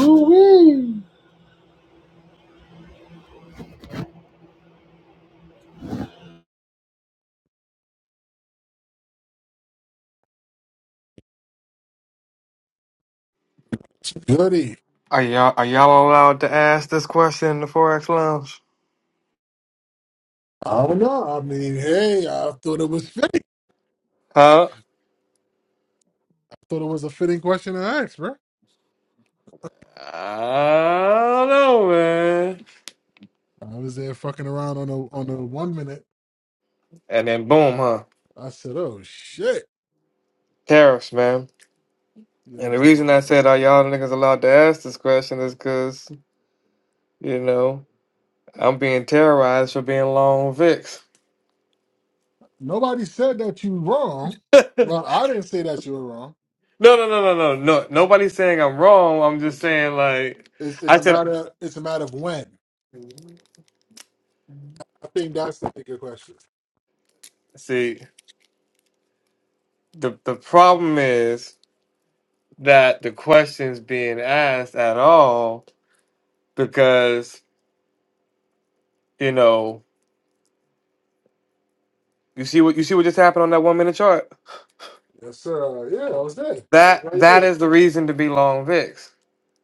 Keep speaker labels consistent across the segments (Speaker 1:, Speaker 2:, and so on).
Speaker 1: Ooh-wee. Goody.
Speaker 2: Are y'all are y'all allowed to ask this question in the Forex Lounge?
Speaker 1: I don't know. I mean, hey, I thought it was fitting.
Speaker 2: Huh?
Speaker 1: Thought it was a fitting question to ask, bro.
Speaker 2: I don't know, man.
Speaker 1: I was there fucking around on the on the one minute.
Speaker 2: And then boom, huh?
Speaker 1: I said, "Oh shit,
Speaker 2: Tariffs, man.
Speaker 1: yeah,
Speaker 2: And the
Speaker 1: man."
Speaker 2: reason I said are y'all niggas allowed to ask this question is because you know I'm being terrorized for being long on VIX.
Speaker 1: Nobody said that you wrong.
Speaker 2: no, no,
Speaker 1: Well, I didn't say that you were wrong.
Speaker 2: no, no, no, no. Nobody's saying I'm wrong. I'm just saying like
Speaker 1: It's it's
Speaker 2: I
Speaker 1: a
Speaker 2: said.
Speaker 1: matter it's a matter of when. I think that's the bigger question.
Speaker 2: See, the the problem is that the question's being asked at all because You know, you see what you see what just happened on that one minute chart.
Speaker 1: Yes, sir. Yeah, I was there. I was
Speaker 2: That
Speaker 1: right
Speaker 2: that
Speaker 1: there.
Speaker 2: is the reason to be long VIX.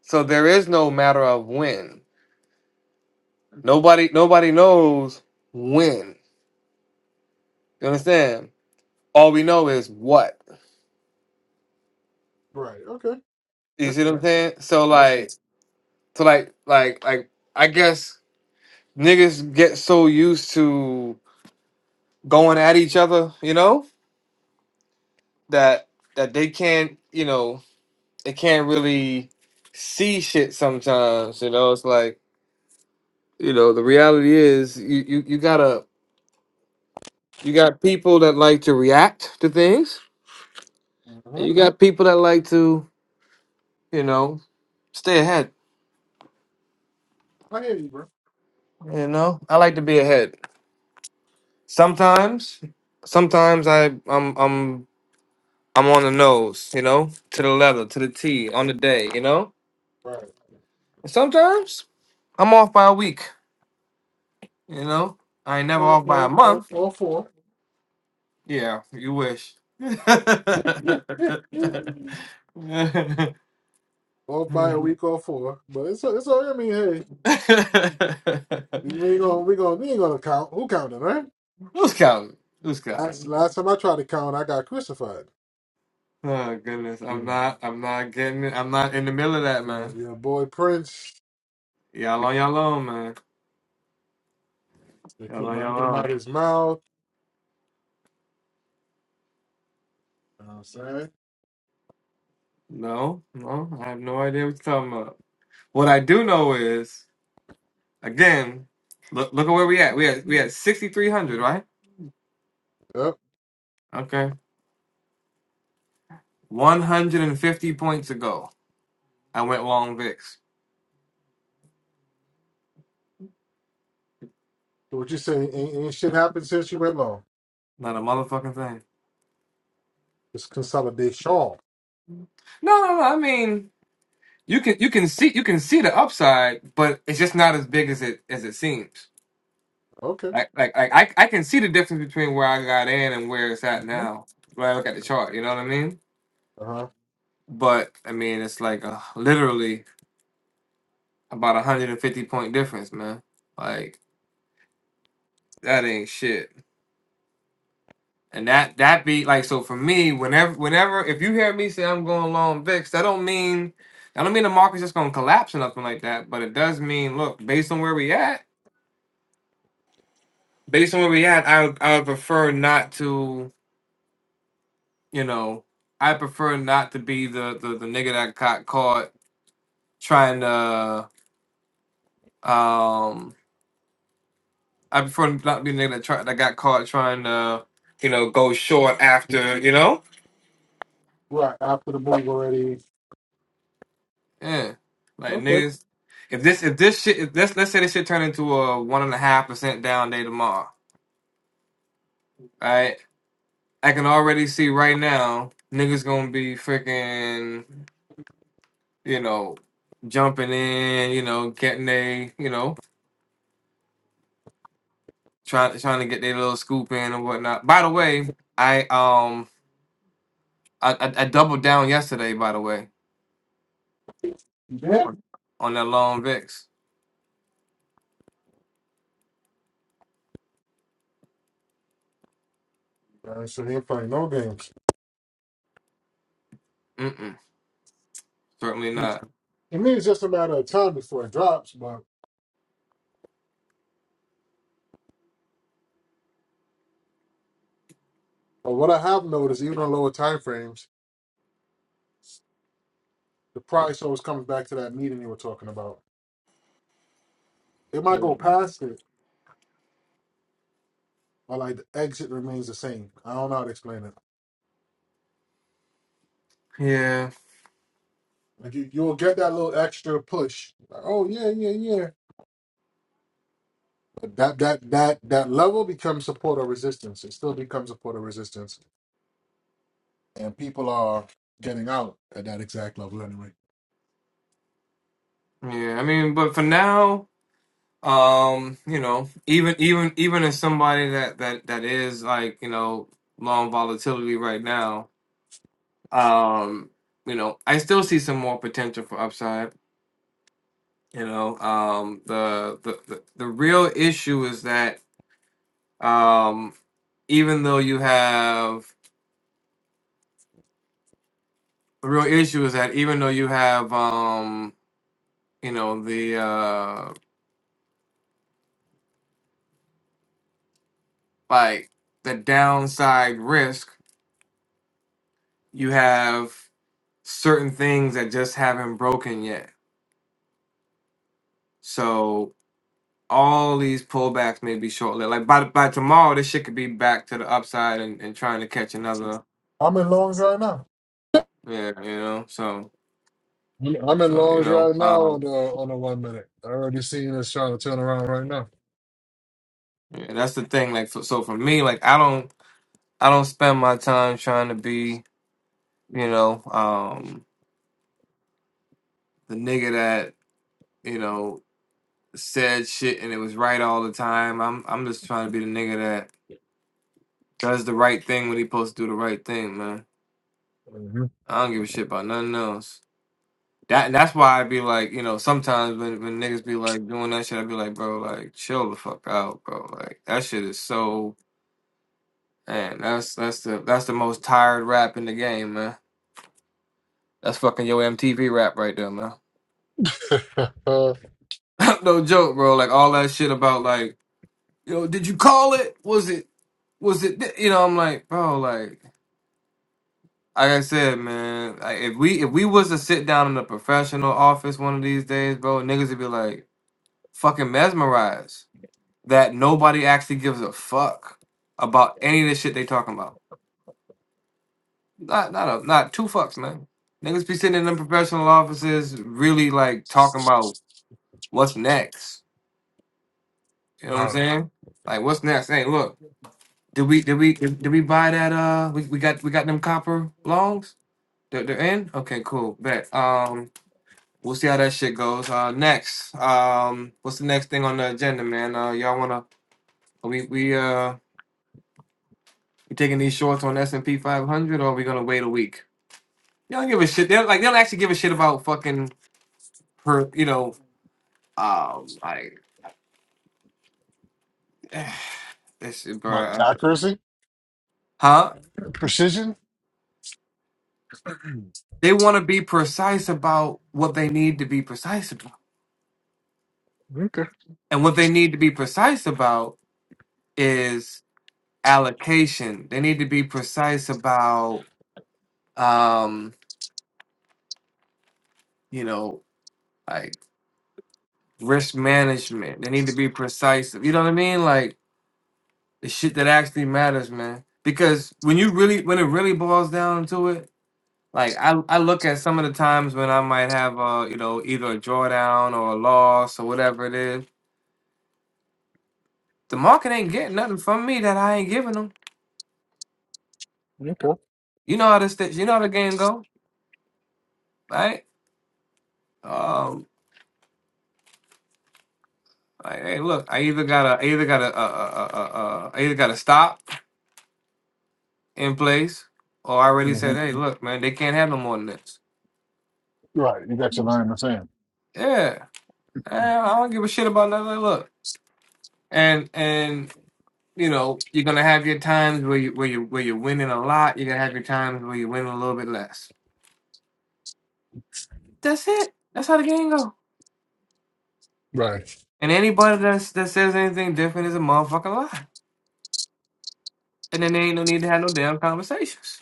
Speaker 2: So there is no matter of when. Nobody nobody knows when. You understand? All we know is what.
Speaker 1: Right. Okay.
Speaker 2: You
Speaker 1: That's
Speaker 2: see what I'm
Speaker 1: fair.
Speaker 2: saying? So
Speaker 1: That's it.
Speaker 2: like so like like like I guess niggas get so used to going at each other, you know, that that they can't, you know, they can't really see shit sometimes, you know. It's like you know the reality is you, you you gotta you got people that like to react to things and
Speaker 1: Mhm.
Speaker 2: you got people that like to you know stay ahead
Speaker 1: I hear you, bro.
Speaker 2: you know i like to be ahead sometimes sometimes i i'm i'm i'm on the nose you know to the leather to the t on the day you know
Speaker 1: Right.
Speaker 2: and sometimes i'm off by a week you know i ain't never
Speaker 1: All,
Speaker 2: off by a
Speaker 1: all, all,
Speaker 2: month
Speaker 1: all four.
Speaker 2: yeah you wish
Speaker 1: Off by a week or four, but it's it's. I mean, hey, we ain't gonna we gonna we ain't gonna count. Who counted, right?
Speaker 2: Who's counting? Who's
Speaker 1: Last
Speaker 2: counting?
Speaker 1: last time I tried to count, I got crucified.
Speaker 2: Oh goodness,
Speaker 1: You
Speaker 2: I'm
Speaker 1: know,
Speaker 2: not. I'm not getting. it. I'm not in the middle of that,
Speaker 1: yeah,
Speaker 2: man.
Speaker 1: yeah, boy Prince.
Speaker 2: Y'all on y'all own, man.
Speaker 1: They
Speaker 2: Y'all
Speaker 1: keep
Speaker 2: on
Speaker 1: my
Speaker 2: y'all
Speaker 1: name out
Speaker 2: own.
Speaker 1: of his mouth. You know what I'm saying?
Speaker 2: No, no, I have no idea what you're talking about. What I do know is, again, look look at where we at. We at we at 6,300, right?
Speaker 1: Yep.
Speaker 2: Okay, 150 points ago, I went long VIX.
Speaker 1: So what you say? Ain't, ain't shit happened since you went long.
Speaker 2: Not a motherfucking thing.
Speaker 1: It's consolidation.
Speaker 2: No, no, no. I mean, you can you can see you can see the upside, but it's just not as big as it as it seems.
Speaker 1: Okay.
Speaker 2: Like like like I I can see the difference between where I got in and where it's at
Speaker 1: hmm
Speaker 2: now when I look at the chart. You know what I mean?
Speaker 1: Uh huh.
Speaker 2: But I mean it's like a, literally about a hundred and fifty point difference, man. Like that ain't shit. And that that be like so for me. Whenever whenever if you hear me say I'm going long VIX, that don't mean that don't mean the market's just gonna collapse or nothing like that. But it does mean look based on where we at. Based on where we at, I would I would prefer not to. You know, I prefer not to be the the, the nigga that got caught trying to. Um, I prefer not to be the nigga that try, that got caught trying to, you know, go short after. You know,
Speaker 1: Right after the move already.
Speaker 2: yeah, like
Speaker 1: Okay.
Speaker 2: niggas. If this if this shit if us let's say this shit turn into a one and a half percent down day tomorrow, right? I can already see right now niggas gonna be freaking, you know, jumping in, you know, getting they, you know. trying trying to get their little scoop in and whatnot. By the way, I um I, I, I doubled down yesterday. By the way,
Speaker 1: Yeah.
Speaker 2: on, on that long Vix.
Speaker 1: Uh, so they ain't playing no games.
Speaker 2: Mm-mm, certainly
Speaker 1: Mm.
Speaker 2: not.
Speaker 1: It means it's just a matter of time before it drops, but. But what I have noticed, even on lower time frames, the price always comes back to that meeting you were talking about. It might
Speaker 2: Mm.
Speaker 1: go past it, but like the exit remains the same. I don't know how to explain it.
Speaker 2: Yeah,
Speaker 1: Like you, you'll get that little extra push. Like, oh yeah, yeah, yeah. But that that that that level becomes support or resistance. It still becomes support or resistance, and people are getting out at that exact level anyway.
Speaker 2: yeah. I mean, but for now, um, you know, even even even as somebody that that that is like you know long volatility right now, um, you know, I still see some more potential for upside. You know, um, the the the, the real issue is that um even though you have the real issue is that even though you have um you know the uh like the downside risk you have certain things that just haven't broken yet so all these pullbacks may be short-lived like by by tomorrow this shit could be back to the upside and, and trying to catch another
Speaker 1: I'm in longs right now.
Speaker 2: yeah you know so
Speaker 1: I'm in
Speaker 2: so you
Speaker 1: longs
Speaker 2: know
Speaker 1: right now on the
Speaker 2: um
Speaker 1: on the one minute. I already seen this trying to turn around right now.
Speaker 2: yeah, that's the thing like so so for me like i don't i don't spend my time trying to be you know, um, the nigga that you know said shit and it was right all the time. I'm I'm just trying to be the nigga that does the right thing when he supposed to do the right thing, man.
Speaker 1: Mm-hmm.
Speaker 2: I don't give a shit about nothing else. That and that's why I be like, you know, sometimes when when niggas be like doing that shit, I be like, bro, like chill the fuck out, bro. Like that shit is so man. That's that's the that's the most tired rap in the game, man. That's fucking your MTV rap right there, man.
Speaker 1: Uh,
Speaker 2: no joke, bro. Like all that shit about like you know, did you call it? Was it was it thi-" you know, I'm like, bro, like like I said, man, like if we if we was to sit down in a professional office one of these days, bro, niggas would be like fucking mesmerized that nobody actually gives a fuck about any of the shit they talking about. Not not a not two fucks, man. Niggas be sitting in them professional offices really like talking about what's next. You know what I'm
Speaker 1: wow.
Speaker 2: saying? Like what's next? Hey, look. Did we did we did, we buy that uh we, we got we got them copper longs? They're, they're in? Okay, cool. Bet. Um we'll see how that shit goes. Uh next. Um what's the next thing on the agenda, man? Uh y'all wanna are we we uh we taking these shorts on S and P five hundred or are we gonna wait a week? They don't give a shit. They're like they don't actually give a shit about fucking per you know, um like this shit,
Speaker 1: What
Speaker 2: bruh.
Speaker 1: accuracy,
Speaker 2: Huh?
Speaker 1: precision?
Speaker 2: They wanna be precise about what they need to be precise about.
Speaker 1: Okay,
Speaker 2: And what they need to be precise about is allocation. They need to be precise about, um, you know, like risk management. They need to be precise. You know what I mean? Like the shit that actually matters, man. Because when you really, when it really boils down to it, like I, I look at some of the times when I might have, uh, you know, either a drawdown or a loss or whatever it is. The market ain't getting nothing from me that I ain't giving them.
Speaker 1: okay.
Speaker 2: You know how this, th- you know how the game go, right? Um, Like, hey, look, I either gotta, I either gotta, uh, uh, uh, uh, uh, I either gotta stop in place, or I already
Speaker 1: hmm
Speaker 2: said, hey, look, man, they can't have no more than this.
Speaker 1: Right, you got your line in the sand.
Speaker 2: Yeah, Eh, I don't give a shit about nothing. Like, Look, and and you know, you're gonna have your times where you where you where you're winning a lot. You're gonna have your times where you are winning a little bit less. That's it. That's how the game go.
Speaker 1: Right.
Speaker 2: And anybody that's, that says anything different is a motherfucking lie. And then they ain't no need to have no damn conversations.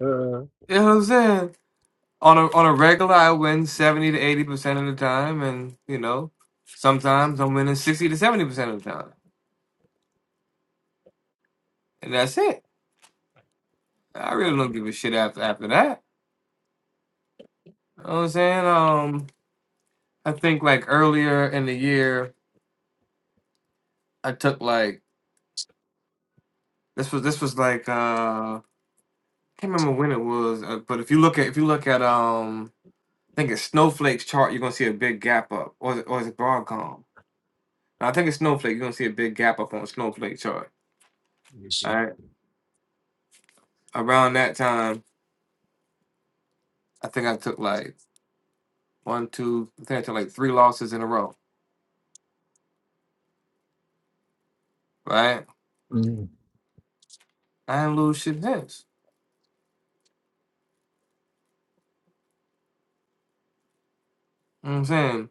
Speaker 1: Uh,
Speaker 2: You know what I'm saying? on a on a regular I win seventy to eighty percent of the time, and you know sometimes I'm winning sixty to seventy percent of the time, and that's it. I really
Speaker 1: right.
Speaker 2: don't give a shit after after that. You know what I'm saying? Um, I think like earlier in the year I took like this was this was like uh I can't remember when it was, uh, but if you look at if you look at um I think it's Snowflake's chart, you're gonna see a big gap up, or is it, or is it Broadcom? I think it's Snowflake. You're gonna see a big gap up on Snowflake chart.
Speaker 1: Let me see.
Speaker 2: All right, around that time. I think I took like one, two, I think I took like three losses in a row, right?
Speaker 1: Mhm.
Speaker 2: I didn't lose shit since. You know what I'm saying?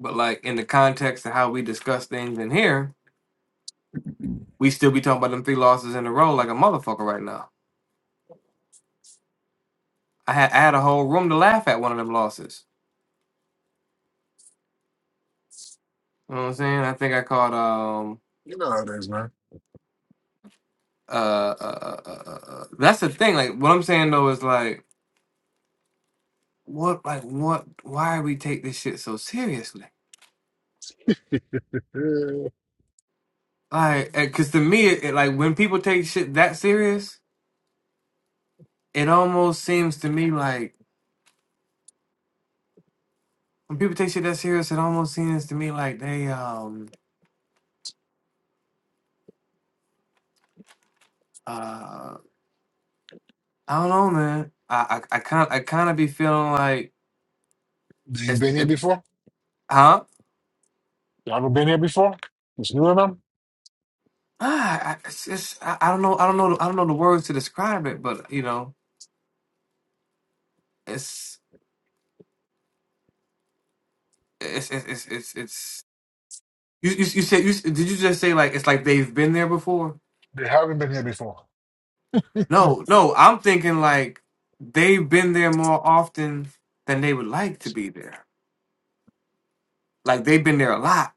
Speaker 2: But like in the context of how we discuss things in here, we still be talking about them three losses in a row like a motherfucker right now. I had I had a whole room to laugh at one of them losses. You know what I'm saying? I think I called um
Speaker 1: You know how it is, man.
Speaker 2: uh, uh, uh, uh, uh uh, uh, that's the thing. Like what I'm saying though is like what like what why we take this shit so seriously?
Speaker 1: Yeah.
Speaker 2: Like, uh, cause to me, it, it, like when people take shit that serious, it almost seems to me like when people take shit that serious, it almost seems to me like they um uh I don't know, man. I I, I kind I kind of be feeling like
Speaker 1: They ain't
Speaker 2: it's
Speaker 1: been here
Speaker 2: it,
Speaker 1: before.
Speaker 2: huh.
Speaker 1: They haven't been here before. It's new to them.
Speaker 2: Ah, I, it's, it's I, I don't know I don't know I don't know the words to describe it, but you know it's it's it's it's it's, it's you, you you said you s- did you just say like it's like they've been there before?
Speaker 1: They haven't been here before.
Speaker 2: No, no, I'm thinking like they've been there more often than they would like to be there. Like they've been there a lot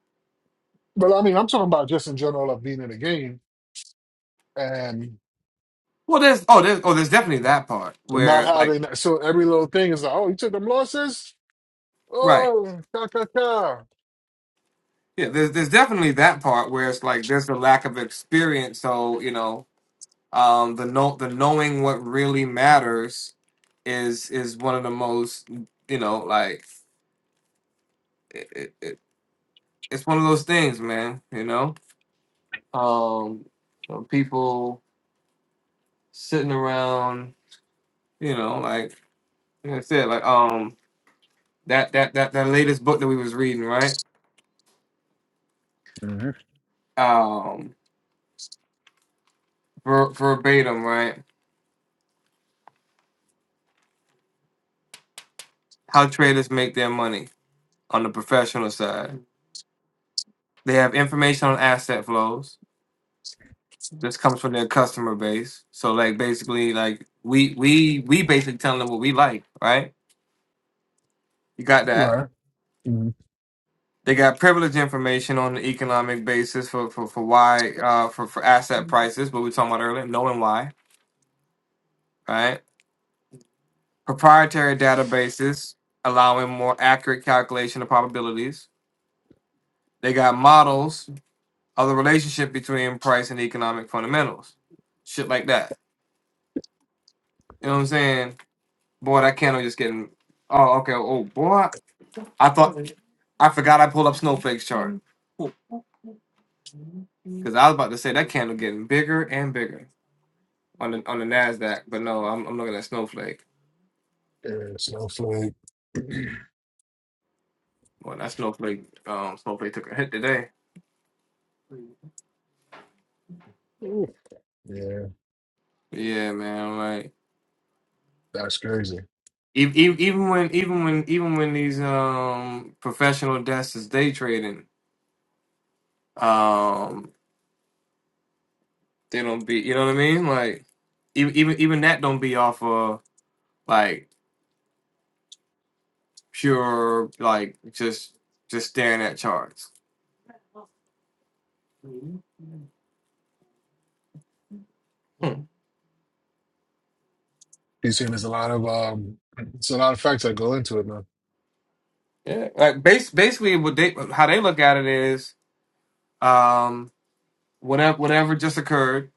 Speaker 1: But I mean, I'm talking about just in general of being in a game and
Speaker 2: Well, there's oh, there's oh, there's definitely that part
Speaker 1: not
Speaker 2: where like
Speaker 1: having. So every little thing is like, oh, you took them losses.
Speaker 2: right,
Speaker 1: Oh, cha cha cha.
Speaker 2: yeah. There's there's definitely that part where it's like there's a lack of experience. So you know, um, the no the knowing what really matters is is one of the most you know like it, it, it, it's one of those things, man. You know, um, you know, people sitting around, you know, like, like I said, like um that that that that latest book that we was reading, right?
Speaker 1: hmm
Speaker 2: Um, ver, verbatim, right? how traders make their money on the professional side. They have information on asset flows. This comes from their customer base. So like basically like we we we basically telling them what we like, right? You got that.
Speaker 1: Right. hmm
Speaker 2: They got privileged information on the economic basis for for, for why uh for, for asset prices, what we were talking about earlier, knowing why, right? Proprietary databases allowing more accurate calculation of probabilities. They got models of the relationship between price and economic fundamentals. Shit like that. You know what I'm saying? Boy, that candle just getting oh okay, oh boy. I thought I forgot I pulled up Snowflake's chart. Because I was about to say that candle getting bigger and bigger on the on the Nasdaq, but no, I'm, I'm looking at Snowflake.
Speaker 1: Yeah, snowflake.
Speaker 2: Well, that Snowflake, um, Snowflake took a hit today.
Speaker 1: Ooh, yeah,
Speaker 2: Yeah, man. I'm Like
Speaker 1: that's crazy.
Speaker 2: even even when even when even when these um professional desks is day trading, um, They don't be, you know what I mean? Like even even even that don't be off of like pure like just just staring at charts. Hmm.
Speaker 1: You see, there's a lot of um, it's a lot of facts that go into it, man.
Speaker 2: Yeah, like base, basically what they how they look at it is um whatever whatever just occurred,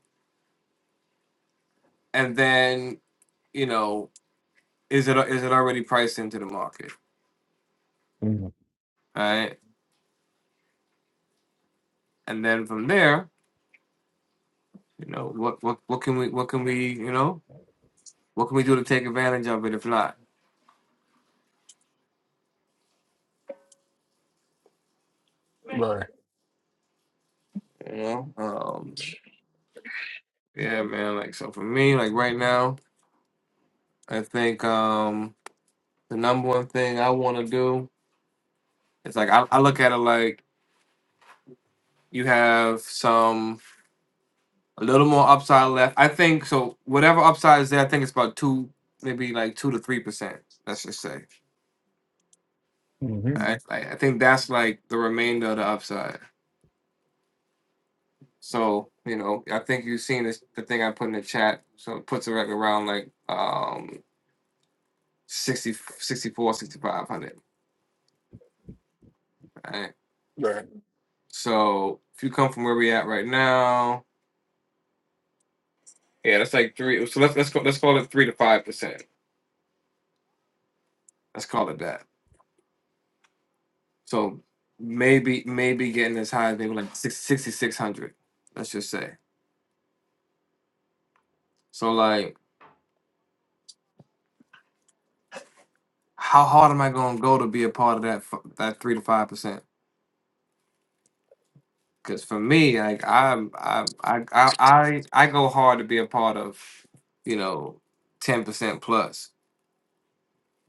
Speaker 2: and then you know is it is it already priced into the market,
Speaker 1: hmm
Speaker 2: right? And then from there, you know what what what can we what can we you know what can we do to take advantage of it if not,
Speaker 1: Right,
Speaker 2: you know? um. Yeah, man. Like so for me, like right now, I think um the number one thing I want to do is like I, I look at it like you have some a little more upside left. I think so whatever upside is there, I think it's about two maybe like two to three percent. Let's just say.
Speaker 1: hmm
Speaker 2: I, I I think that's like the remainder of the upside. So, you know, I think you've seen this the thing I put in the chat. So it puts it like around like um 60 sixty-four, sixty-five hundred. right?
Speaker 1: right,
Speaker 2: So if you come from where we at right now, yeah, that's like three. So let's let's call let's call it three to five percent. Let's call it that. So maybe maybe getting as high as maybe like six sixty six hundred. Let's just say. So like, how hard am I going to go to be a part of that f- that three to five percent? Because for me, like I'm I I I I I go hard to be a part of, you know, ten percent plus.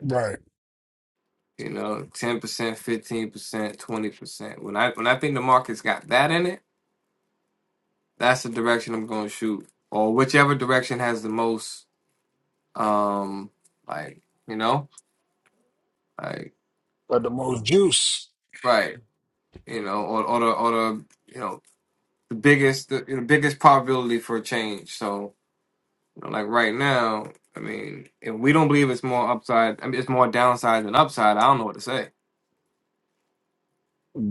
Speaker 1: right.
Speaker 2: You know, ten percent, fifteen percent, twenty percent. When I when I think the market's got that in it that's the direction I'm going to shoot, or whichever direction has the most, um, like you know, like
Speaker 1: But the most juice.
Speaker 2: right, you know, or or the or the you know the biggest the, the biggest probability for a change. So you know, like right now, I mean, if we don't believe it's more upside, I mean, it's more downside than upside. I don't know what to say.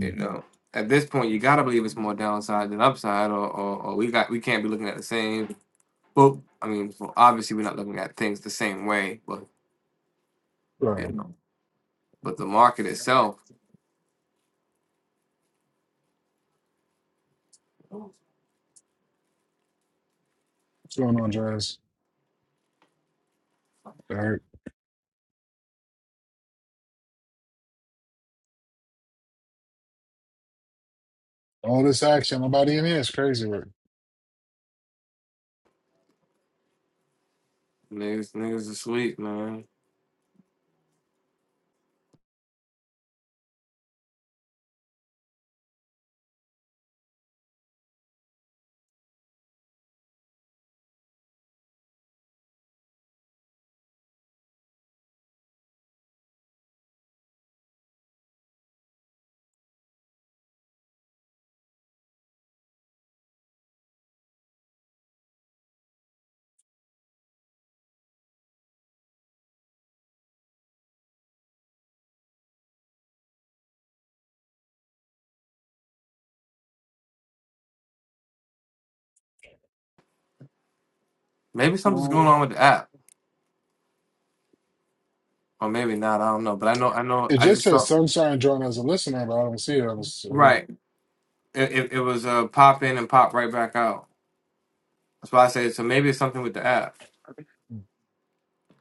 Speaker 2: You know, at this point, you gotta believe it's more downside than upside, or or, or we got we can't be looking at the same. Well, I mean, well, obviously we're not looking at things the same way, but.
Speaker 1: Right.
Speaker 2: You
Speaker 1: What's
Speaker 2: know. But the market itself,
Speaker 1: going on, Jazz? All right. All this action, nobody in here is crazy. Right?
Speaker 2: niggas, niggas are sweet, man. Maybe something's going
Speaker 1: Um,
Speaker 2: on with the app, or maybe not. I don't know. But I know, I know.
Speaker 1: it
Speaker 2: I
Speaker 1: just
Speaker 2: just
Speaker 1: says
Speaker 2: thought,
Speaker 1: Sunshine joined as a listener, but I don't see it. I was here.
Speaker 2: right? It, it, it was uh, pop in and pop right back out. That's why I said so. Maybe it's something with the app.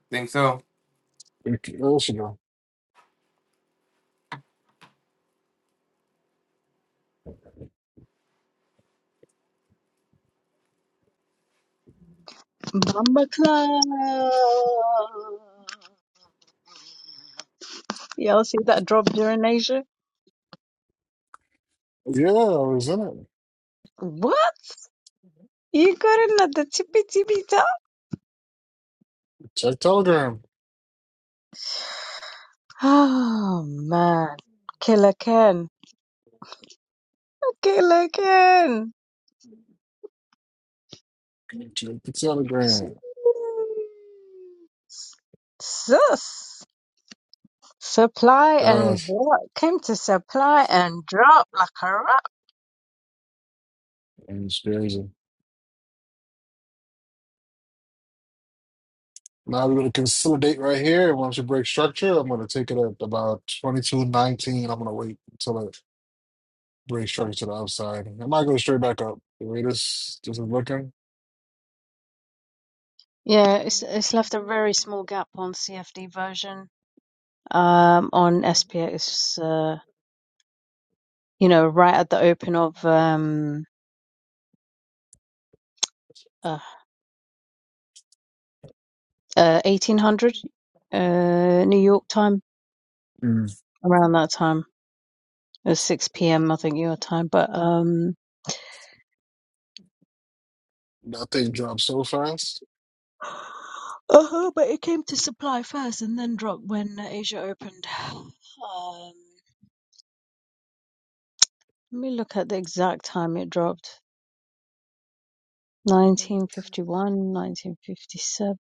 Speaker 2: Think so?
Speaker 1: Oh, she go.
Speaker 3: Bamba Club. Y'all see that drop during Asia?
Speaker 1: Yeah, I was in it.
Speaker 3: What? You got in at the tippy tippy top?
Speaker 1: Check Telegram.
Speaker 3: Oh man. Killer Ken. Killer Ken.
Speaker 1: Check the Telegram.
Speaker 3: Sus. Supply and
Speaker 1: Gosh,
Speaker 3: drop. Came to supply and drop like a rock.
Speaker 1: it's crazy. Now we're gonna consolidate right here. Once we break structure, I'm gonna take it at about twenty-two nineteen. I'm gonna wait until it breaks structure to the upside. I might go straight back up. The way this this is looking,
Speaker 3: Yeah, it's it's left a very small gap on CFD version. Um, on SPX. you know, right at the open of um, uh, uh, 1800 uh, New York time,
Speaker 1: mm.
Speaker 3: around that time. It was 6 p.m., I think, your time. But um,
Speaker 1: that thing dropped so fast.
Speaker 3: uh but it came to supply first and then dropped when Asia opened. Um, let me look at the exact time it dropped. 1951, 1957.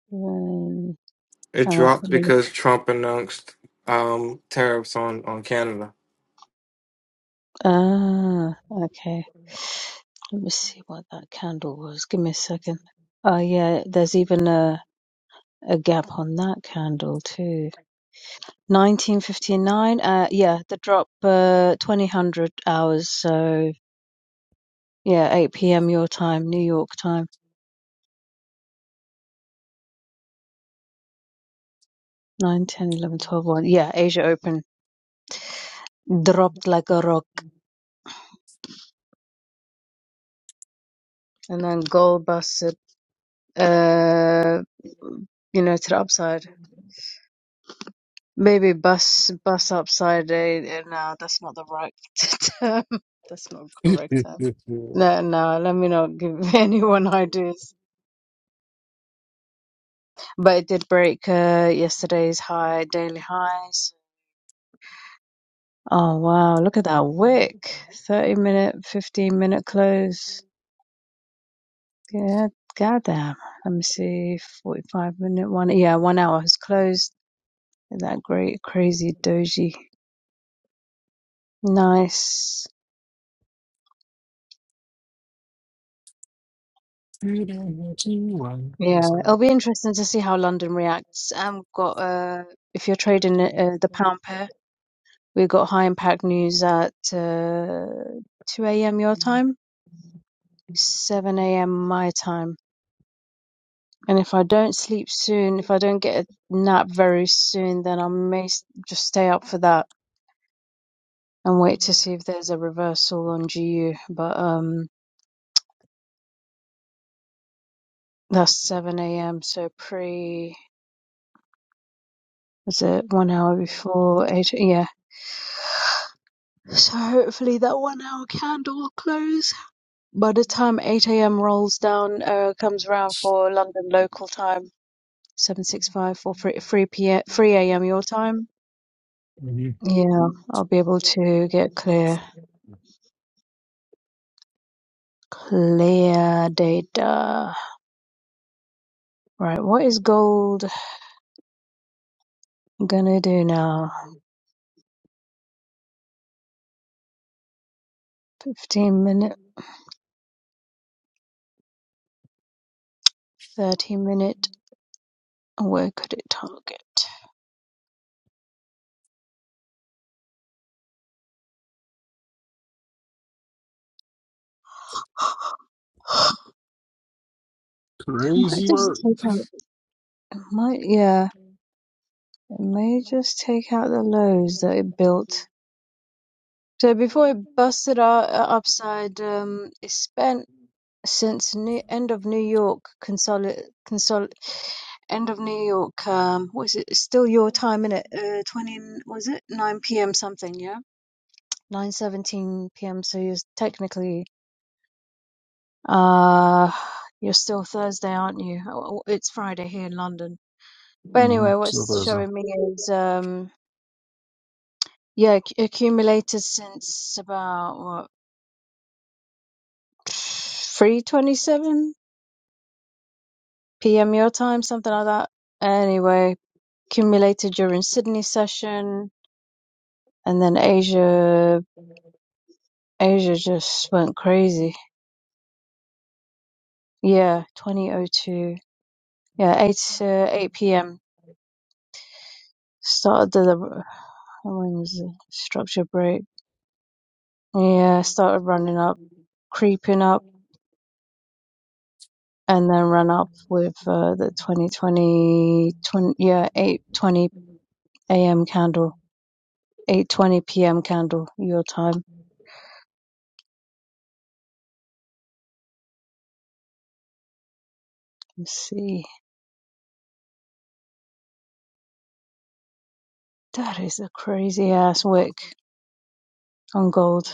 Speaker 2: It dropped
Speaker 3: Hang on.
Speaker 2: because Trump announced um, tariffs on on Canada.
Speaker 3: Ah, okay. Let me see what that candle was. Give me a second. Oh, yeah, there's even a, a gap on that candle, too. 1959, uh, yeah, the drop, uh, 2000 hours, so yeah, 8 p.m. your time, New York time, Nine, ten, eleven, twelve, one. Yeah, Asia Open dropped like a rock. And then gold busted, uh, you know, to the upside. Maybe bus bus upside down. eh, No, that's not the right term. That's not the correct term. No, no, let me not give anyone ideas. But it did break uh, yesterday's high, daily highs. Oh wow, look at that wick. 30 minute, 15 minute close. Yeah, goddamn. Let me see, 45 minute one. Yeah, one hour has closed. That great crazy doji. Nice. Yeah, it'll be interesting to see how London reacts. Um, we've got uh, if you're trading uh, the pound pair, we've got high impact news at uh, 2 a.m. your time, 7 a.m. my time. And if I don't sleep soon, if I don't get a nap very soon, then I may s- just stay up for that and wait to see if there's a reversal on GU. But um, that's 7 a.m. So pre, is it one hour before eight? Yeah, So hopefully that one hour candle will close by the time 8 a.m. rolls down, uh, comes around for London local time, 765 for 3, 3 p.m., 3 a.m. your time.
Speaker 1: Mhm.
Speaker 3: Yeah, I'll be able to get clear, clear data. Right, what is gold gonna do now? 15 minute, 30 minute, where could it target? It might
Speaker 1: Crazy
Speaker 3: just
Speaker 1: work.
Speaker 3: take out, it might, yeah. It may just take out the lows that it built. So before it busted out uh, upside, um, it spent since new, end of New York consolid consol end of New York. Um, what is it? It's still your time in it. Uh, twenty was it nine p.m. something? Yeah, nine seventeen p.m. So you're technically uh you're still Thursday, aren't you? Oh, oh, It's Friday here in London. But
Speaker 1: Mm-hmm.
Speaker 3: anyway,
Speaker 1: So
Speaker 3: what's
Speaker 1: there's a.
Speaker 3: showing me is um Yeah, acc- accumulated since about what 3:27 p.m. your time, something like that. Anyway, accumulated during Sydney session, and then Asia, Asia just went crazy. Yeah, 2002. Yeah, 8 uh, 8 p.m. started the the- when was the structure break? Yeah, started running up, creeping up, and then ran up with uh, the 2020 20. yeah, 8:20. a.m. candle, 8:20 p.m. candle, your time. Let's see. That is a crazy ass wick on gold.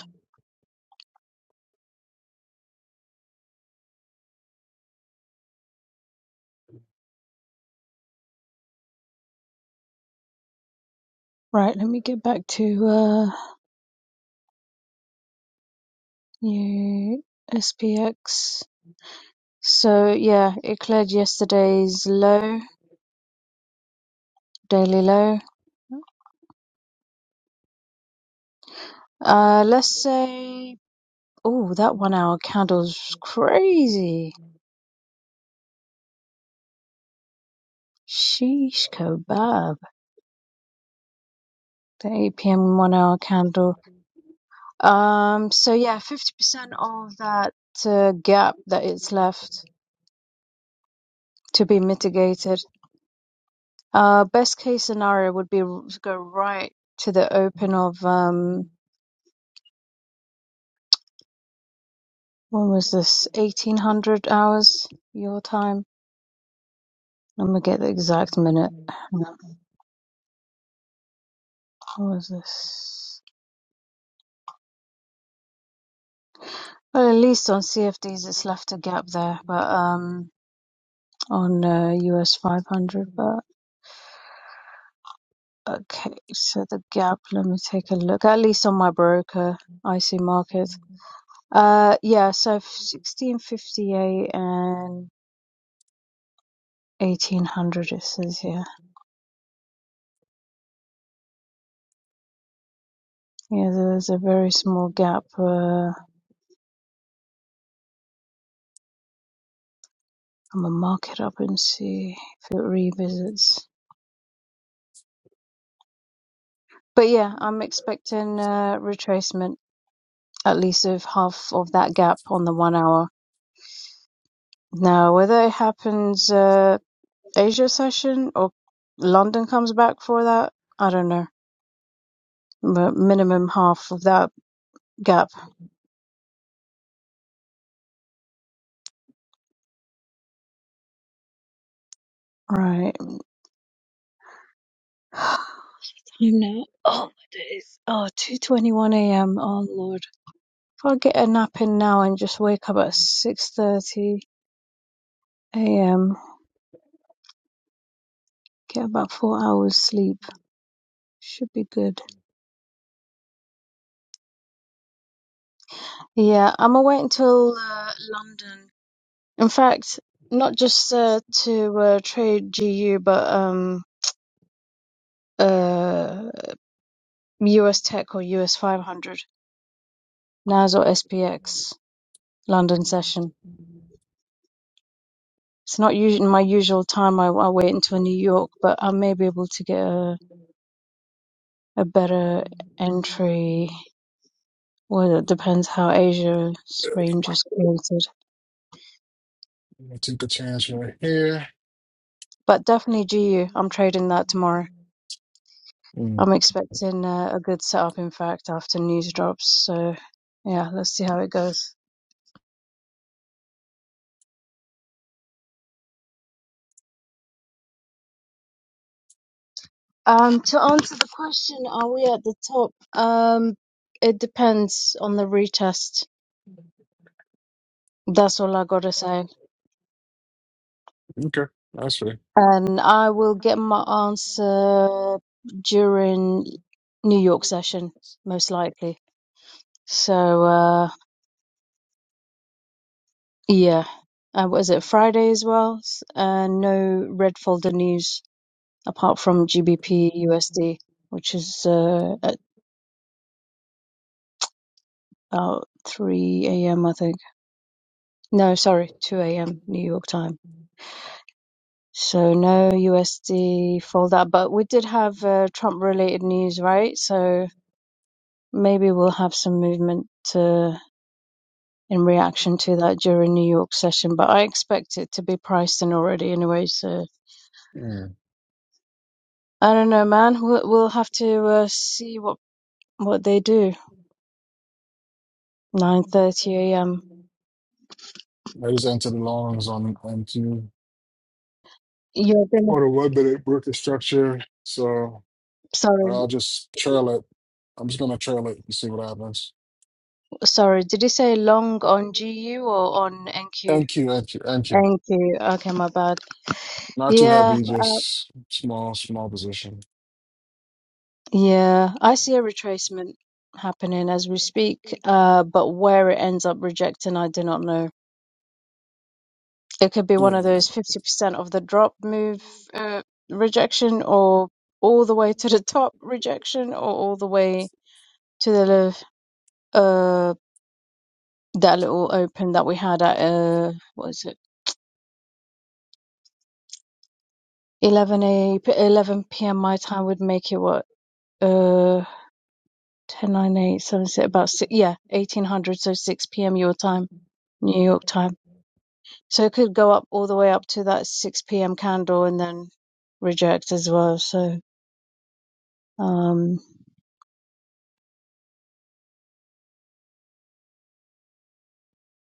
Speaker 3: Right, let me get back to uh new SPX. So yeah, it cleared yesterday's low, daily low. Uh let's say oh that one hour candle's crazy. Sheesh kebab. The 8 p.m. one hour candle. Um, so yeah, 50% of that uh, gap that is left to be mitigated. Uh, best case scenario would be r- to go right to the open of um, when was this? 1800 hours your time. Let me get the exact minute. Hang on. What was this? Well, at least on CFDs, it's left a gap there, but um, on uh, US 500, but. Okay, so the gap, let me take a look, at least on my broker IC market. Uh, yeah, so 1658 and 1800 it says here. Yeah, there's a very small gap. Uh, I'm gonna mark it up and see if it revisits. But yeah, I'm expecting uh, retracement, at least of half of that gap on the one hour. Now, whether it happens uh, Asia session or London comes back for that, I don't know. but minimum half of that gap. Right. Time now. Oh my days. Oh, two twenty one a.m. Oh lord. If I get a nap in now and just wake up at 6.30 a.m., get about four hours sleep. Should be good. Yeah, I'm gonna wait until uh, London. In fact, not just uh, to uh, trade GU, but um, uh, US Tech or US 500, NAS or SPX London session. it's not usually my usual time. I, I wait until New York, but I may be able to get a, a better entry. Well, it depends how Asia's
Speaker 1: There we
Speaker 3: range
Speaker 1: go.
Speaker 3: is created.
Speaker 1: I'm gonna take a chance right here.
Speaker 3: But definitely GU. I'm trading that tomorrow.
Speaker 1: Mm.
Speaker 3: I'm expecting uh, a good setup, in fact, after news drops. So, yeah, let's see how it goes. Um, to answer the question, are we at the top? Um, it depends on the retest. That's all I gotta say.
Speaker 1: Okay, that's right.
Speaker 3: and I will get my answer during New York session, most likely. So uh, yeah, uh, what is it Friday as well? S- Uh, no red folder news apart from GBP USD, which is uh, at about 3 a.m. I think. No, sorry, 2 a.m. New York time. So no USD folder, but we did have uh, Trump related news, right? So maybe we'll have some movement in reaction to that during New York session, but I expect it to be priced in already anyway. So
Speaker 1: Mm.
Speaker 3: I don't know, man. We'll, we'll have to uh, see what what they do. Nine thirty a.m.
Speaker 1: I just entered the longs on onto
Speaker 3: You're gonna.
Speaker 1: on the one minute broker structure, so
Speaker 3: Sorry,
Speaker 1: I'll just trail it. I'm just gonna trail it and see what happens.
Speaker 3: sorry. Did you say long on GU or on NQ?
Speaker 1: NQ, NQ, NQ.
Speaker 3: NQ. Okay, my bad.
Speaker 1: Not too
Speaker 3: Yeah,
Speaker 1: heavy,
Speaker 3: uh,
Speaker 1: just small, small position.
Speaker 3: yeah. I see a retracement happening as we speak, uh, but where it ends up rejecting, I do not know. it could be one of
Speaker 1: Yeah,
Speaker 3: those 50% of the drop move uh, rejection or all the way to the top rejection or all the way to the left, uh that little open that we had at uh what is it 11 a p- 11 p.m my time would make it what uh 10 nine 8 7 six, about six, yeah 1800 so 6 p.m your time new york time so it could go up all the way up to that 6 p.m candle and then reject as well so um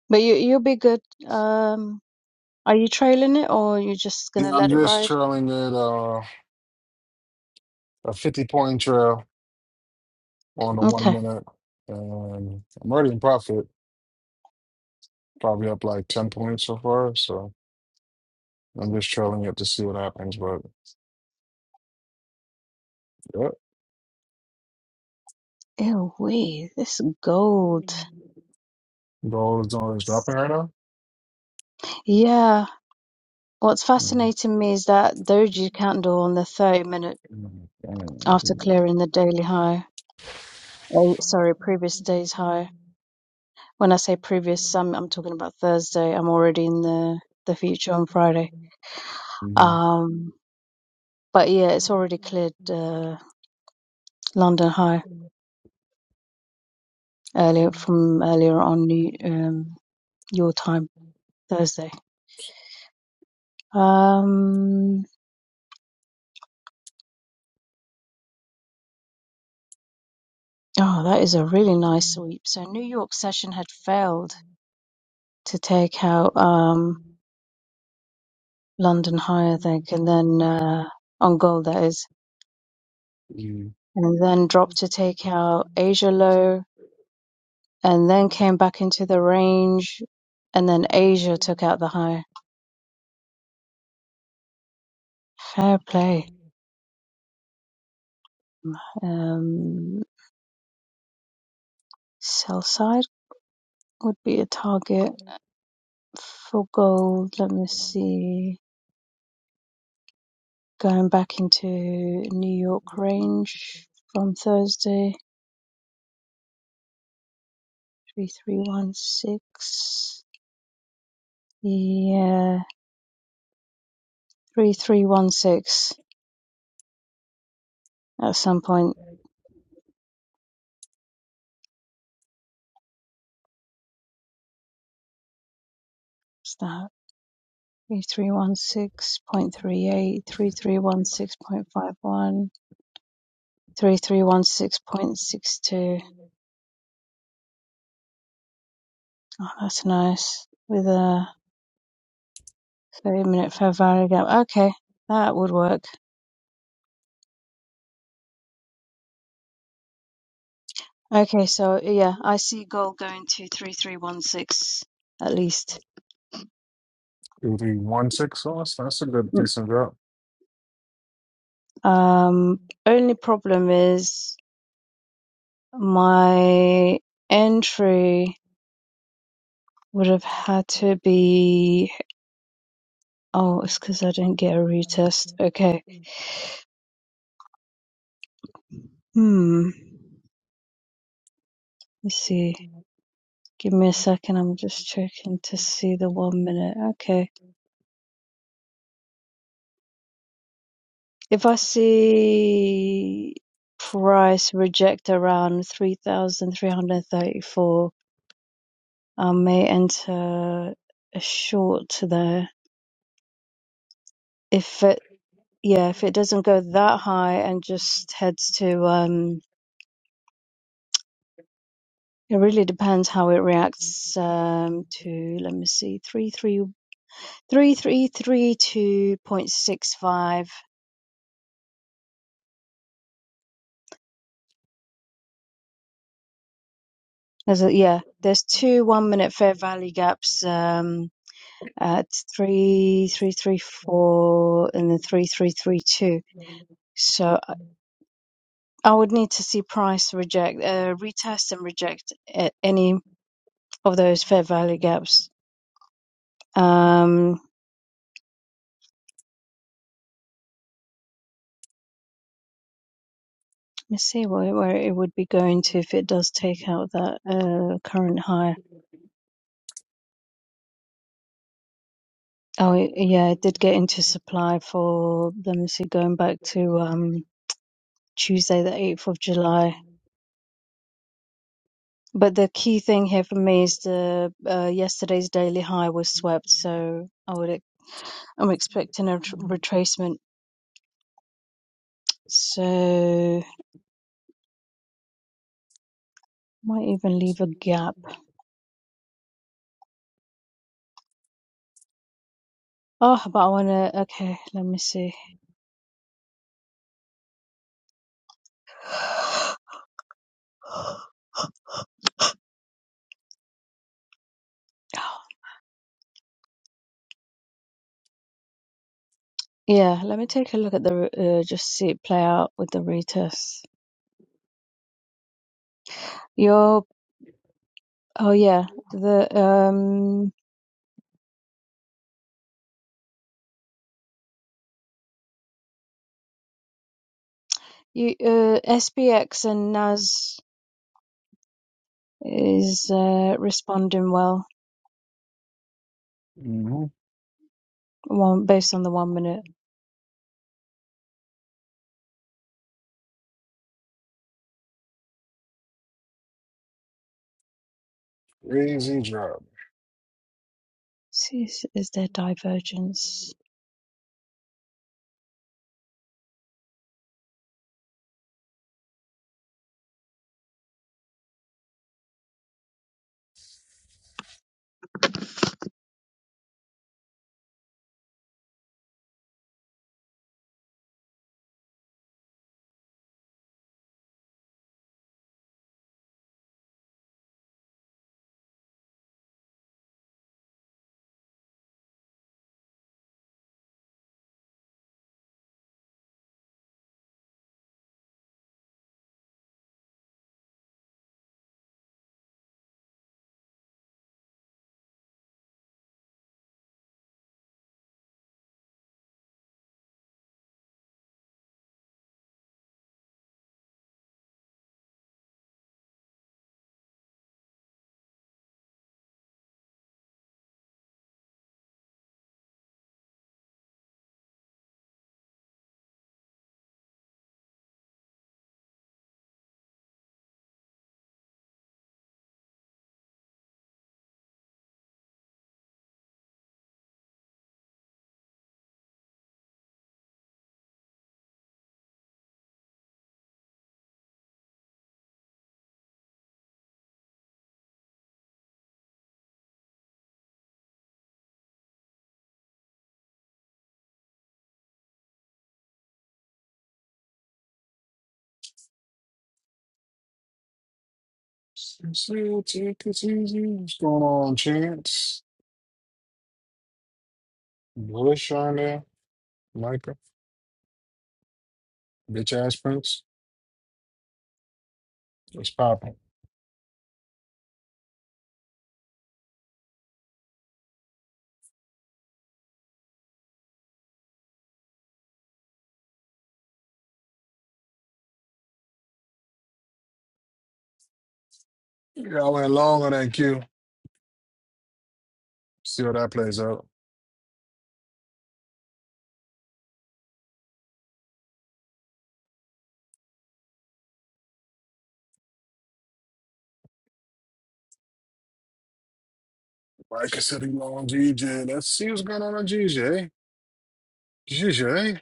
Speaker 3: But you you'll be good. Um, are you trailing it or you just
Speaker 1: yeah.
Speaker 3: gonna
Speaker 1: I'm
Speaker 3: let it
Speaker 1: just
Speaker 3: ride?
Speaker 1: trailing it uh, a 50 point trail on a one
Speaker 3: Okay.
Speaker 1: minute, and I'm already in profit. Probably up like 10 points so far, so I'm just trailing it to see what happens. But yeah,
Speaker 3: Ew, wee, this is gold.
Speaker 1: gold is always dropping right now.
Speaker 3: Yeah. What's
Speaker 1: Mm.
Speaker 3: fascinating me is that doji candle on the 30 minute
Speaker 1: Mm, damn.
Speaker 3: after
Speaker 1: Mhm.
Speaker 3: clearing the daily high. Oh, sorry, previous day's high. When I say previous, I'm I'm talking about Thursday. I'm already in the the future on Friday.
Speaker 1: Mhm.
Speaker 3: Um, but yeah, it's already cleared uh, London high earlier from earlier on New- um, your time Thursday. Um, oh, that is a really nice sweep. So New York session had failed to take out um, London High, I think, and then uh, on goal that is,
Speaker 1: Two,
Speaker 3: and then dropped to take out Asia Low, and then came back into the range, and then Asia took out the high. Fair play. Um, sell side would be a target for gold. Let me see. Going back into New York range from Thursday, 3316. Yeah, 3316 at some point. What's that? 3316.38, Oh, that's nice. With a 30 minute fair value gap. Okay, that would work. Okay, so yeah, I see gold going to 3316 at least.
Speaker 1: three, one, six sauce. That's a good, decent drop.
Speaker 3: Um, only problem is my entry would have had to be. Oh, it's because I didn't get a retest. Okay. Hmm. Let's see. Give me a second. I'm just checking to see the one minute. Okay. If I see price reject around 3,334, I may enter a short there. If yeah, if it doesn't go that high and just heads to, um, it really depends how it reacts um, to, let me see, 3332.65. There's a, yeah, there's two one minute fair value gaps um, at 3334 and then 3332. So I would need to see price reject, uh, retest and reject at any of those fair value gaps. Um, Let's see where, where it would be going to if it does take out that uh, current high. Oh, it- yeah, it did get into supply for, let me see, going back to um, Tuesday, the 8th of July. But the key thing here for me is the uh, yesterday's daily high was swept, so I would I'm expecting a tr- retracement. So might even leave a gap. Oh, but I wanna. Okay, let me see. Oh, Yeah, let me take a look at the r- uh, just see it play out with the retest. Your oh yeah, the um you uh, SBX and NAS is uh, responding well.
Speaker 1: hmm
Speaker 3: One based on the one minute.
Speaker 1: Crazy drop.
Speaker 3: See, is, is there divergence?
Speaker 1: So take it easy. What's going on, Chance? Bush on there. Micah. Bitch ass Prince. What's popping. Yeah, I went long on that Q. See how that plays out. Micah said he long GJ. Let's see what's going on on GJ. GJ.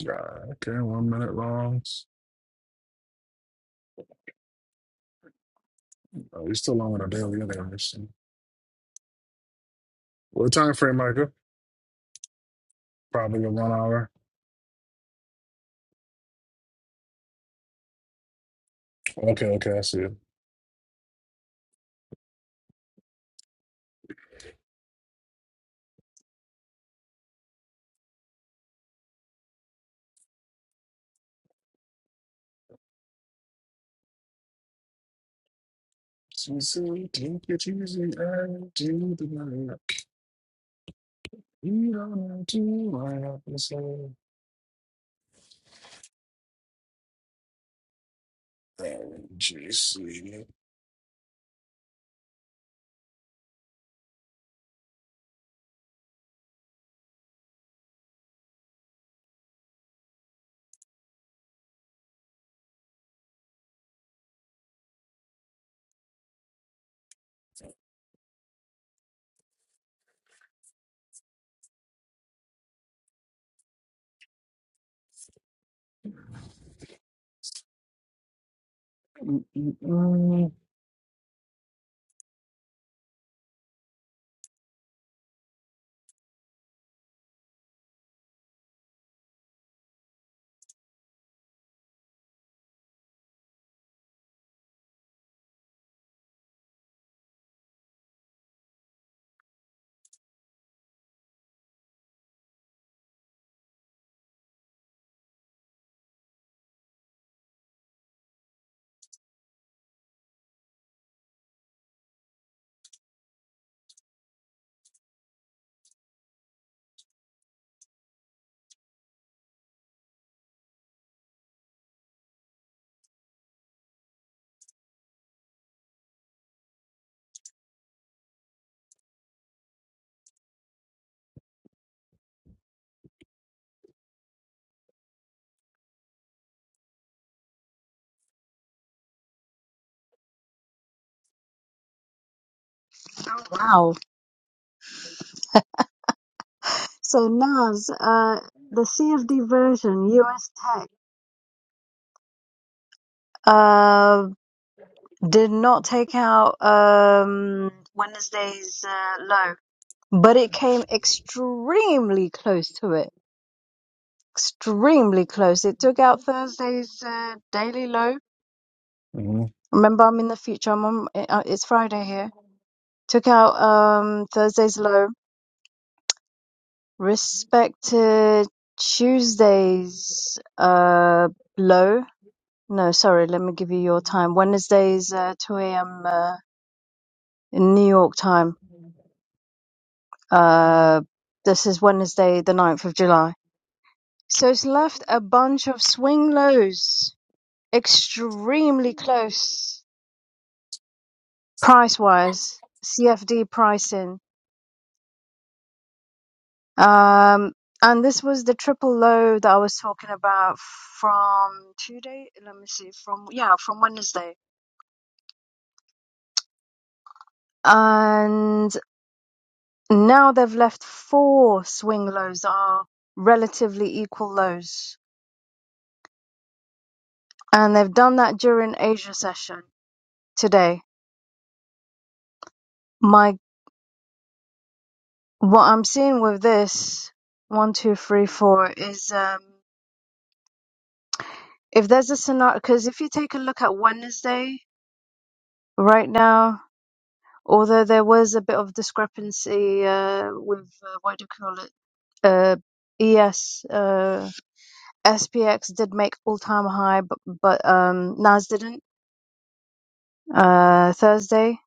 Speaker 1: Yeah, okay, one minute longs. Oh, he's still long on a daily other What time frame, Micah? Probably a one hour. Okay, okay, I see it. So, so take it easy and do the work. You don't have to line up and say, "Oh,
Speaker 3: Wow. So NAS, uh, the CFD version, US Tech, uh, did not take out um Wednesday's uh, low. but it came extremely close to it. Extremely close. It took out Thursday's uh, daily low.
Speaker 1: Mhm.
Speaker 3: Remember, I'm in the future. I'm on, uh, it's Friday here. Took out um, Thursday's low. Respected Tuesday's uh, low. No, sorry. Let me give you your time. Wednesday's uh, 2 a.m. Uh, in New York time. Uh, this is Wednesday, the ninth of July. So it's left a bunch of swing lows extremely close price-wise, CFD pricing. Um, and this was the triple low that I was talking about from Tuesday. Let me see, from yeah, from Wednesday. And now they've left four swing lows that are relatively equal lows, and they've done that during Asia session today. My what I'm seeing with this one, two, three, four is. Um, if there's a scenario, because if you take a look at Wednesday right now, although there was a bit of discrepancy uh, with uh, what do you call it? Uh, ES uh, SPX did make all-time high, but but um, Nas didn't uh, Thursday.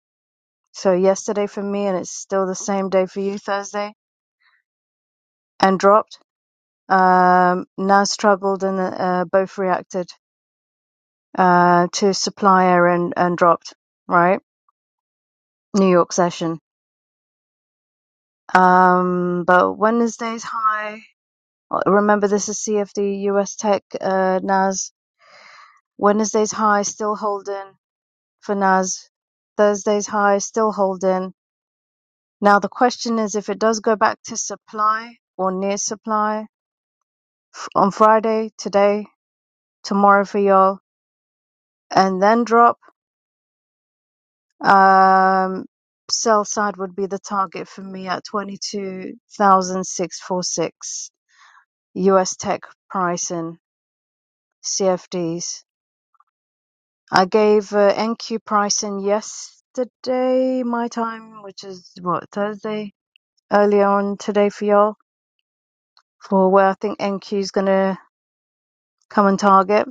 Speaker 3: So yesterday for me, and it's still the same day for you Thursday, and dropped. Um, Nas struggled, and uh, both reacted uh, to supplier and and dropped. Right, New York session. Um, but Wednesday's high. uh, Remember, this is CFD, US Tech, uh, NAS. Wednesday's high still holding for NAS. Thursday's high still holding. Now the question is if it does go back to supply or near supply f- on Friday, today, tomorrow for y'all, and then drop. Um, sell side would be the target for me at 22,646 US Tech pricing. CFDs. I gave uh, NQ pricing yesterday, my time, which is what, Thursday, earlier on today for y'all, for where I think NQ is going to come and target.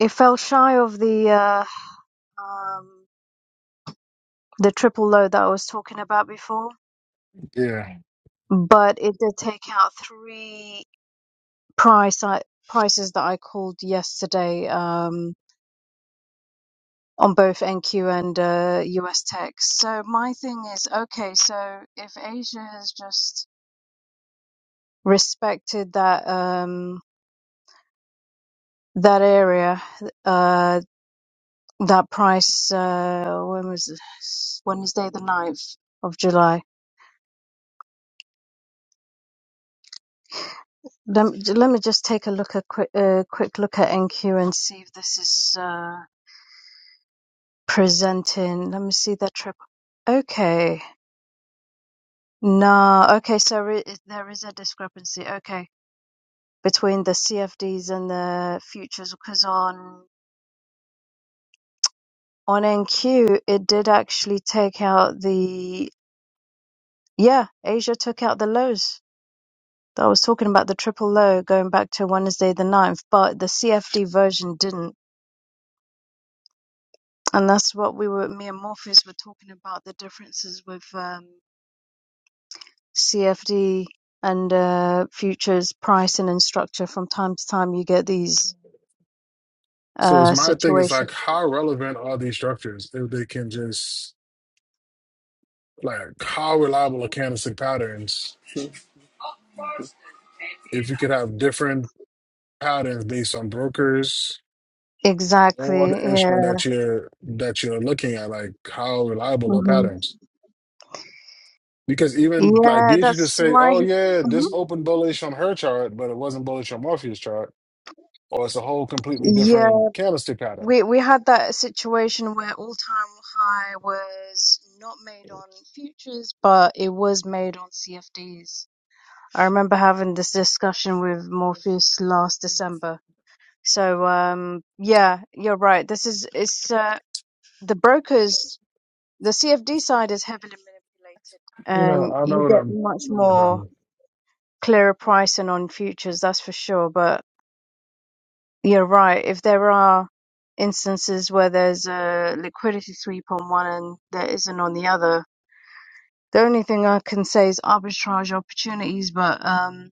Speaker 3: It fell shy of the uh, um, the triple low that I was talking about before,
Speaker 1: Yeah.
Speaker 3: but it did take out three price I, prices that I called yesterday um, on both NQ and uh, US tech. So my thing is, okay, so if Asia has just respected that um that area uh that price uh when was this? Wednesday the ninth of July let me, let me just take a look a quick uh, quick look at NQ and see if this is uh presenting let me see that trip okay no okay so re- there is a discrepancy okay between the CFDs and the futures because on on NQ it did actually take out the Yeah, Asia took out the lows. that I was talking about the triple low going back to Wednesday the ninth. but the CFD version didn't. And that's what we were, me and Morpheus were talking about the differences with um, CFD and uh, futures pricing and structure. From time to time, you get these
Speaker 1: So it's
Speaker 3: uh,
Speaker 1: my thing is
Speaker 3: situations.
Speaker 1: like, how relevant are these structures if they can just like how reliable are candlestick patterns if you could have different patterns based on brokers or
Speaker 3: Exactly.
Speaker 1: the
Speaker 3: Yeah.
Speaker 1: instrument that you're that you're looking at, like how reliable are
Speaker 3: hmm
Speaker 1: patterns? Because even like
Speaker 3: Yeah,
Speaker 1: Beatrice could
Speaker 3: that's
Speaker 1: say,
Speaker 3: why.
Speaker 1: "Oh
Speaker 3: He,
Speaker 1: yeah, this
Speaker 3: Mhm.
Speaker 1: opened bullish on her chart, but it wasn't bullish on Morpheus' chart, or it's a whole completely
Speaker 3: Yeah,
Speaker 1: different candlestick pattern."
Speaker 3: we we had that situation where all-time high was not made on futures, but it was made on CFDs. I remember having this discussion with Morpheus last December. So um, yeah, you're right. This is it's uh, the brokers, the CFD side is heavily manipulated.
Speaker 1: You know,
Speaker 3: Um,
Speaker 1: I know
Speaker 3: you
Speaker 1: what
Speaker 3: get
Speaker 1: I'm
Speaker 3: much
Speaker 1: do about.
Speaker 3: more
Speaker 1: Me.
Speaker 3: clearer pricing on futures, that's for sure, but. You're right. If there are instances where there's a liquidity sweep on one and there isn't on the other, the only thing I can say is arbitrage opportunities. But um,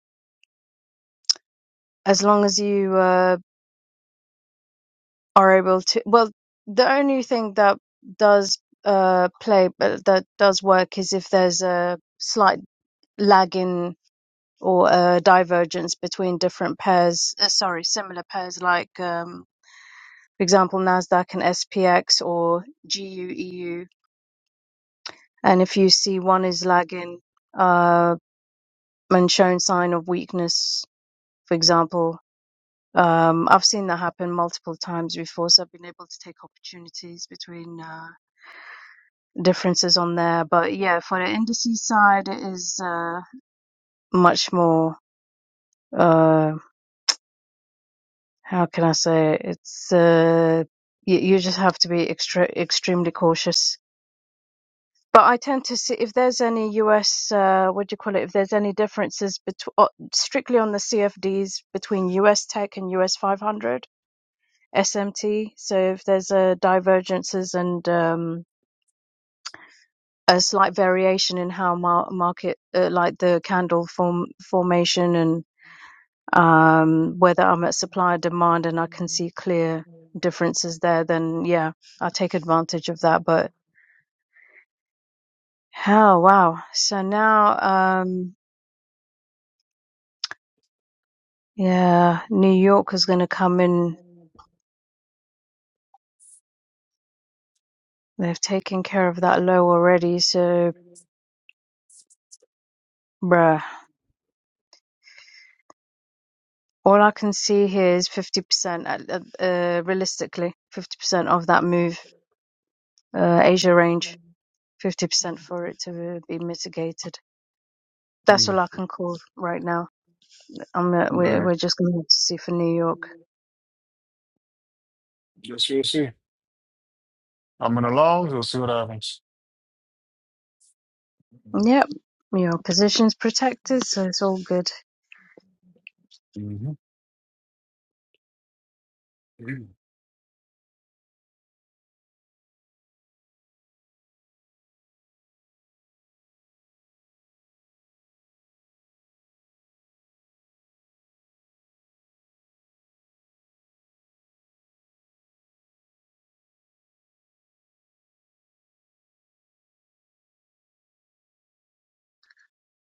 Speaker 3: as long as you uh, are able to, well, the only thing that does uh, play, but that does work is if there's a slight lag in or a divergence between different pairs, uh, sorry, similar pairs like, um, for example, NASDAQ and SPX or GUEU And if you see one is lagging uh, and showing sign of weakness, for example, um, I've seen that happen multiple times before, so I've been able to take opportunities between uh, differences on there. But yeah, for the indices side, it is uh, much more. Uh, how can I say? it? It's uh, you, you just have to be extra extremely cautious But I tend to see if there's any U.S., uh, what do you call it, if there's any differences between uh, strictly on the CFDs between U.S. Tech and U.S. 500 SMT. So if there's uh, divergences and um, a slight variation in how mar- market, uh, like the candle form formation and um, whether I'm at supply and demand and I can see clear differences there, then yeah, I'll take advantage of that. But how, wow. So now, um, Yeah, New York is gonna come in. They've taken care of that low already, so bruh. All I can see here is 50%, at- uh, uh, uh, realistically, 50% of that move, uh, Asia range, 50% for it to uh, be mitigated. That's
Speaker 1: Mm.
Speaker 3: all I can call right now. I'm, uh, we're,
Speaker 1: But
Speaker 3: we're just gonna have to see for New York.
Speaker 1: guess we'll see. I'm in the longs. We'll see what happens.
Speaker 3: Yep, your position's protected, so it's all good.
Speaker 1: Mm-hmm.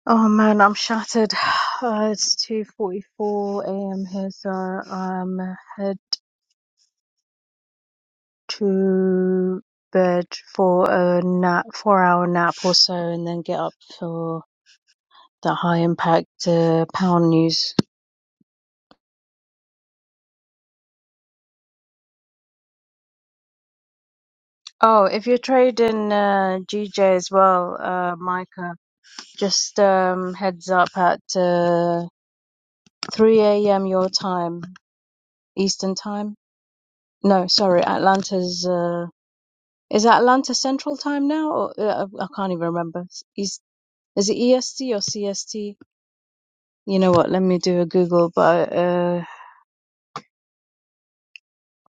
Speaker 3: Oh man, I'm shattered. Uh, it's 2:44 a.m. here, so I'm head to bed for a nap, four hour nap or so, and then get up for the high impact uh, pound news. Oh, if you're trading uh, GJ as well, uh, Micah, just um, heads up at uh, 3 a.m. your time, Eastern time. No, sorry, Atlanta's. Uh, is Atlanta Central time now? Or, uh, I can't even remember. Is, is it EST or CST? You know what? Let me do a Google, but. Uh,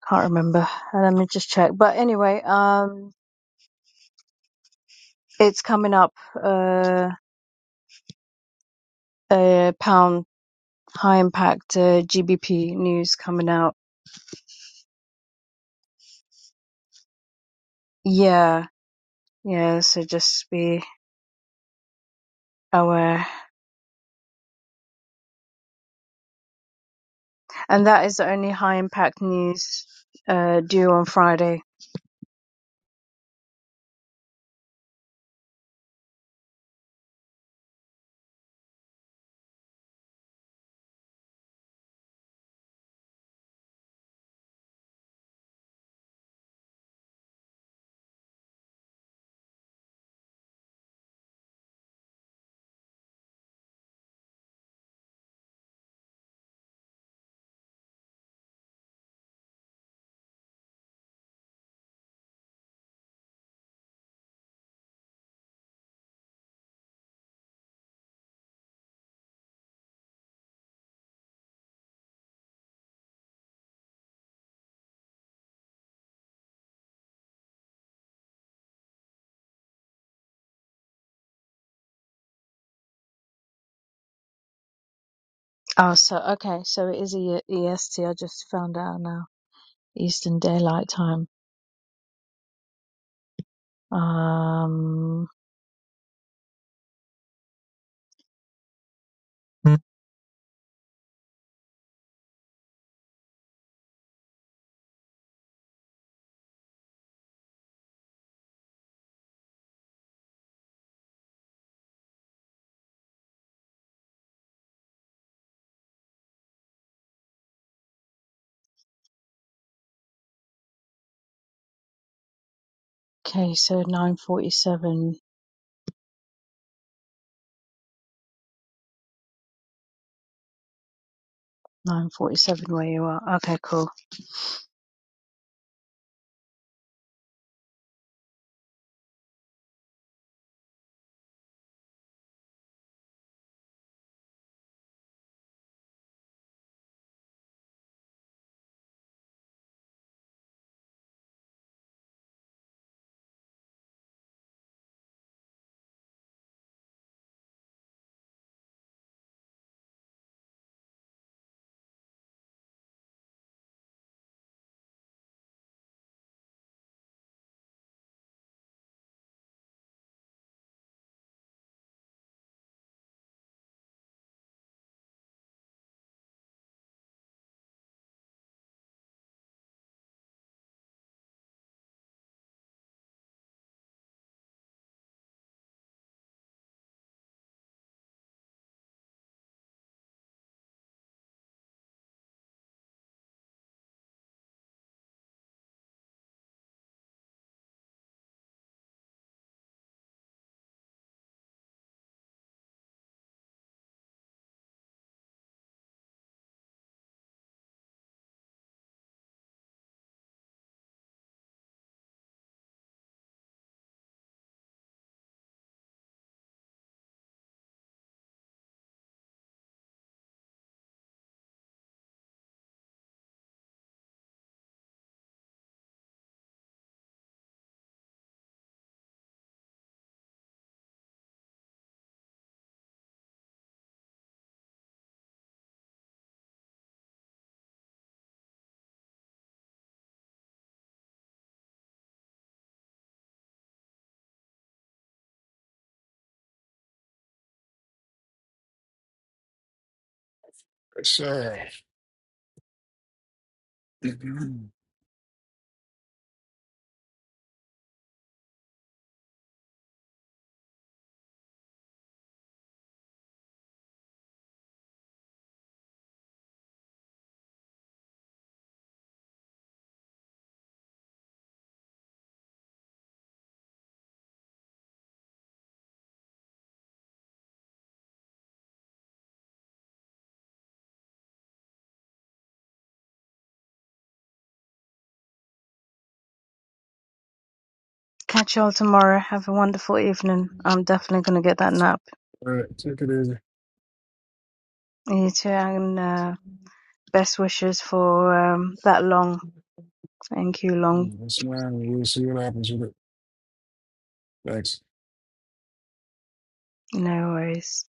Speaker 3: Can't remember. Uh, Let me just check. But anyway, um, it's coming up. Uh, a pound high impact uh, GBP news coming out. Yeah, yeah. So just be aware. And that is the only high impact news uh due on Friday. Oh, so okay. So it is E- EST. I just found out now. Eastern Daylight Time. Um. Okay. So nine forty-seven. Nine forty-seven. Where you are? Okay. Cool.
Speaker 1: Sure. Mhm.
Speaker 3: Catch y'all tomorrow. Have a wonderful evening. I'm definitely gonna get that nap.
Speaker 1: All right, take it easy.
Speaker 3: You too, and uh, best wishes for um, that long. Thank you, long.
Speaker 1: Mm, That's mine. We'll see what happens with it. Thanks.
Speaker 3: No worries.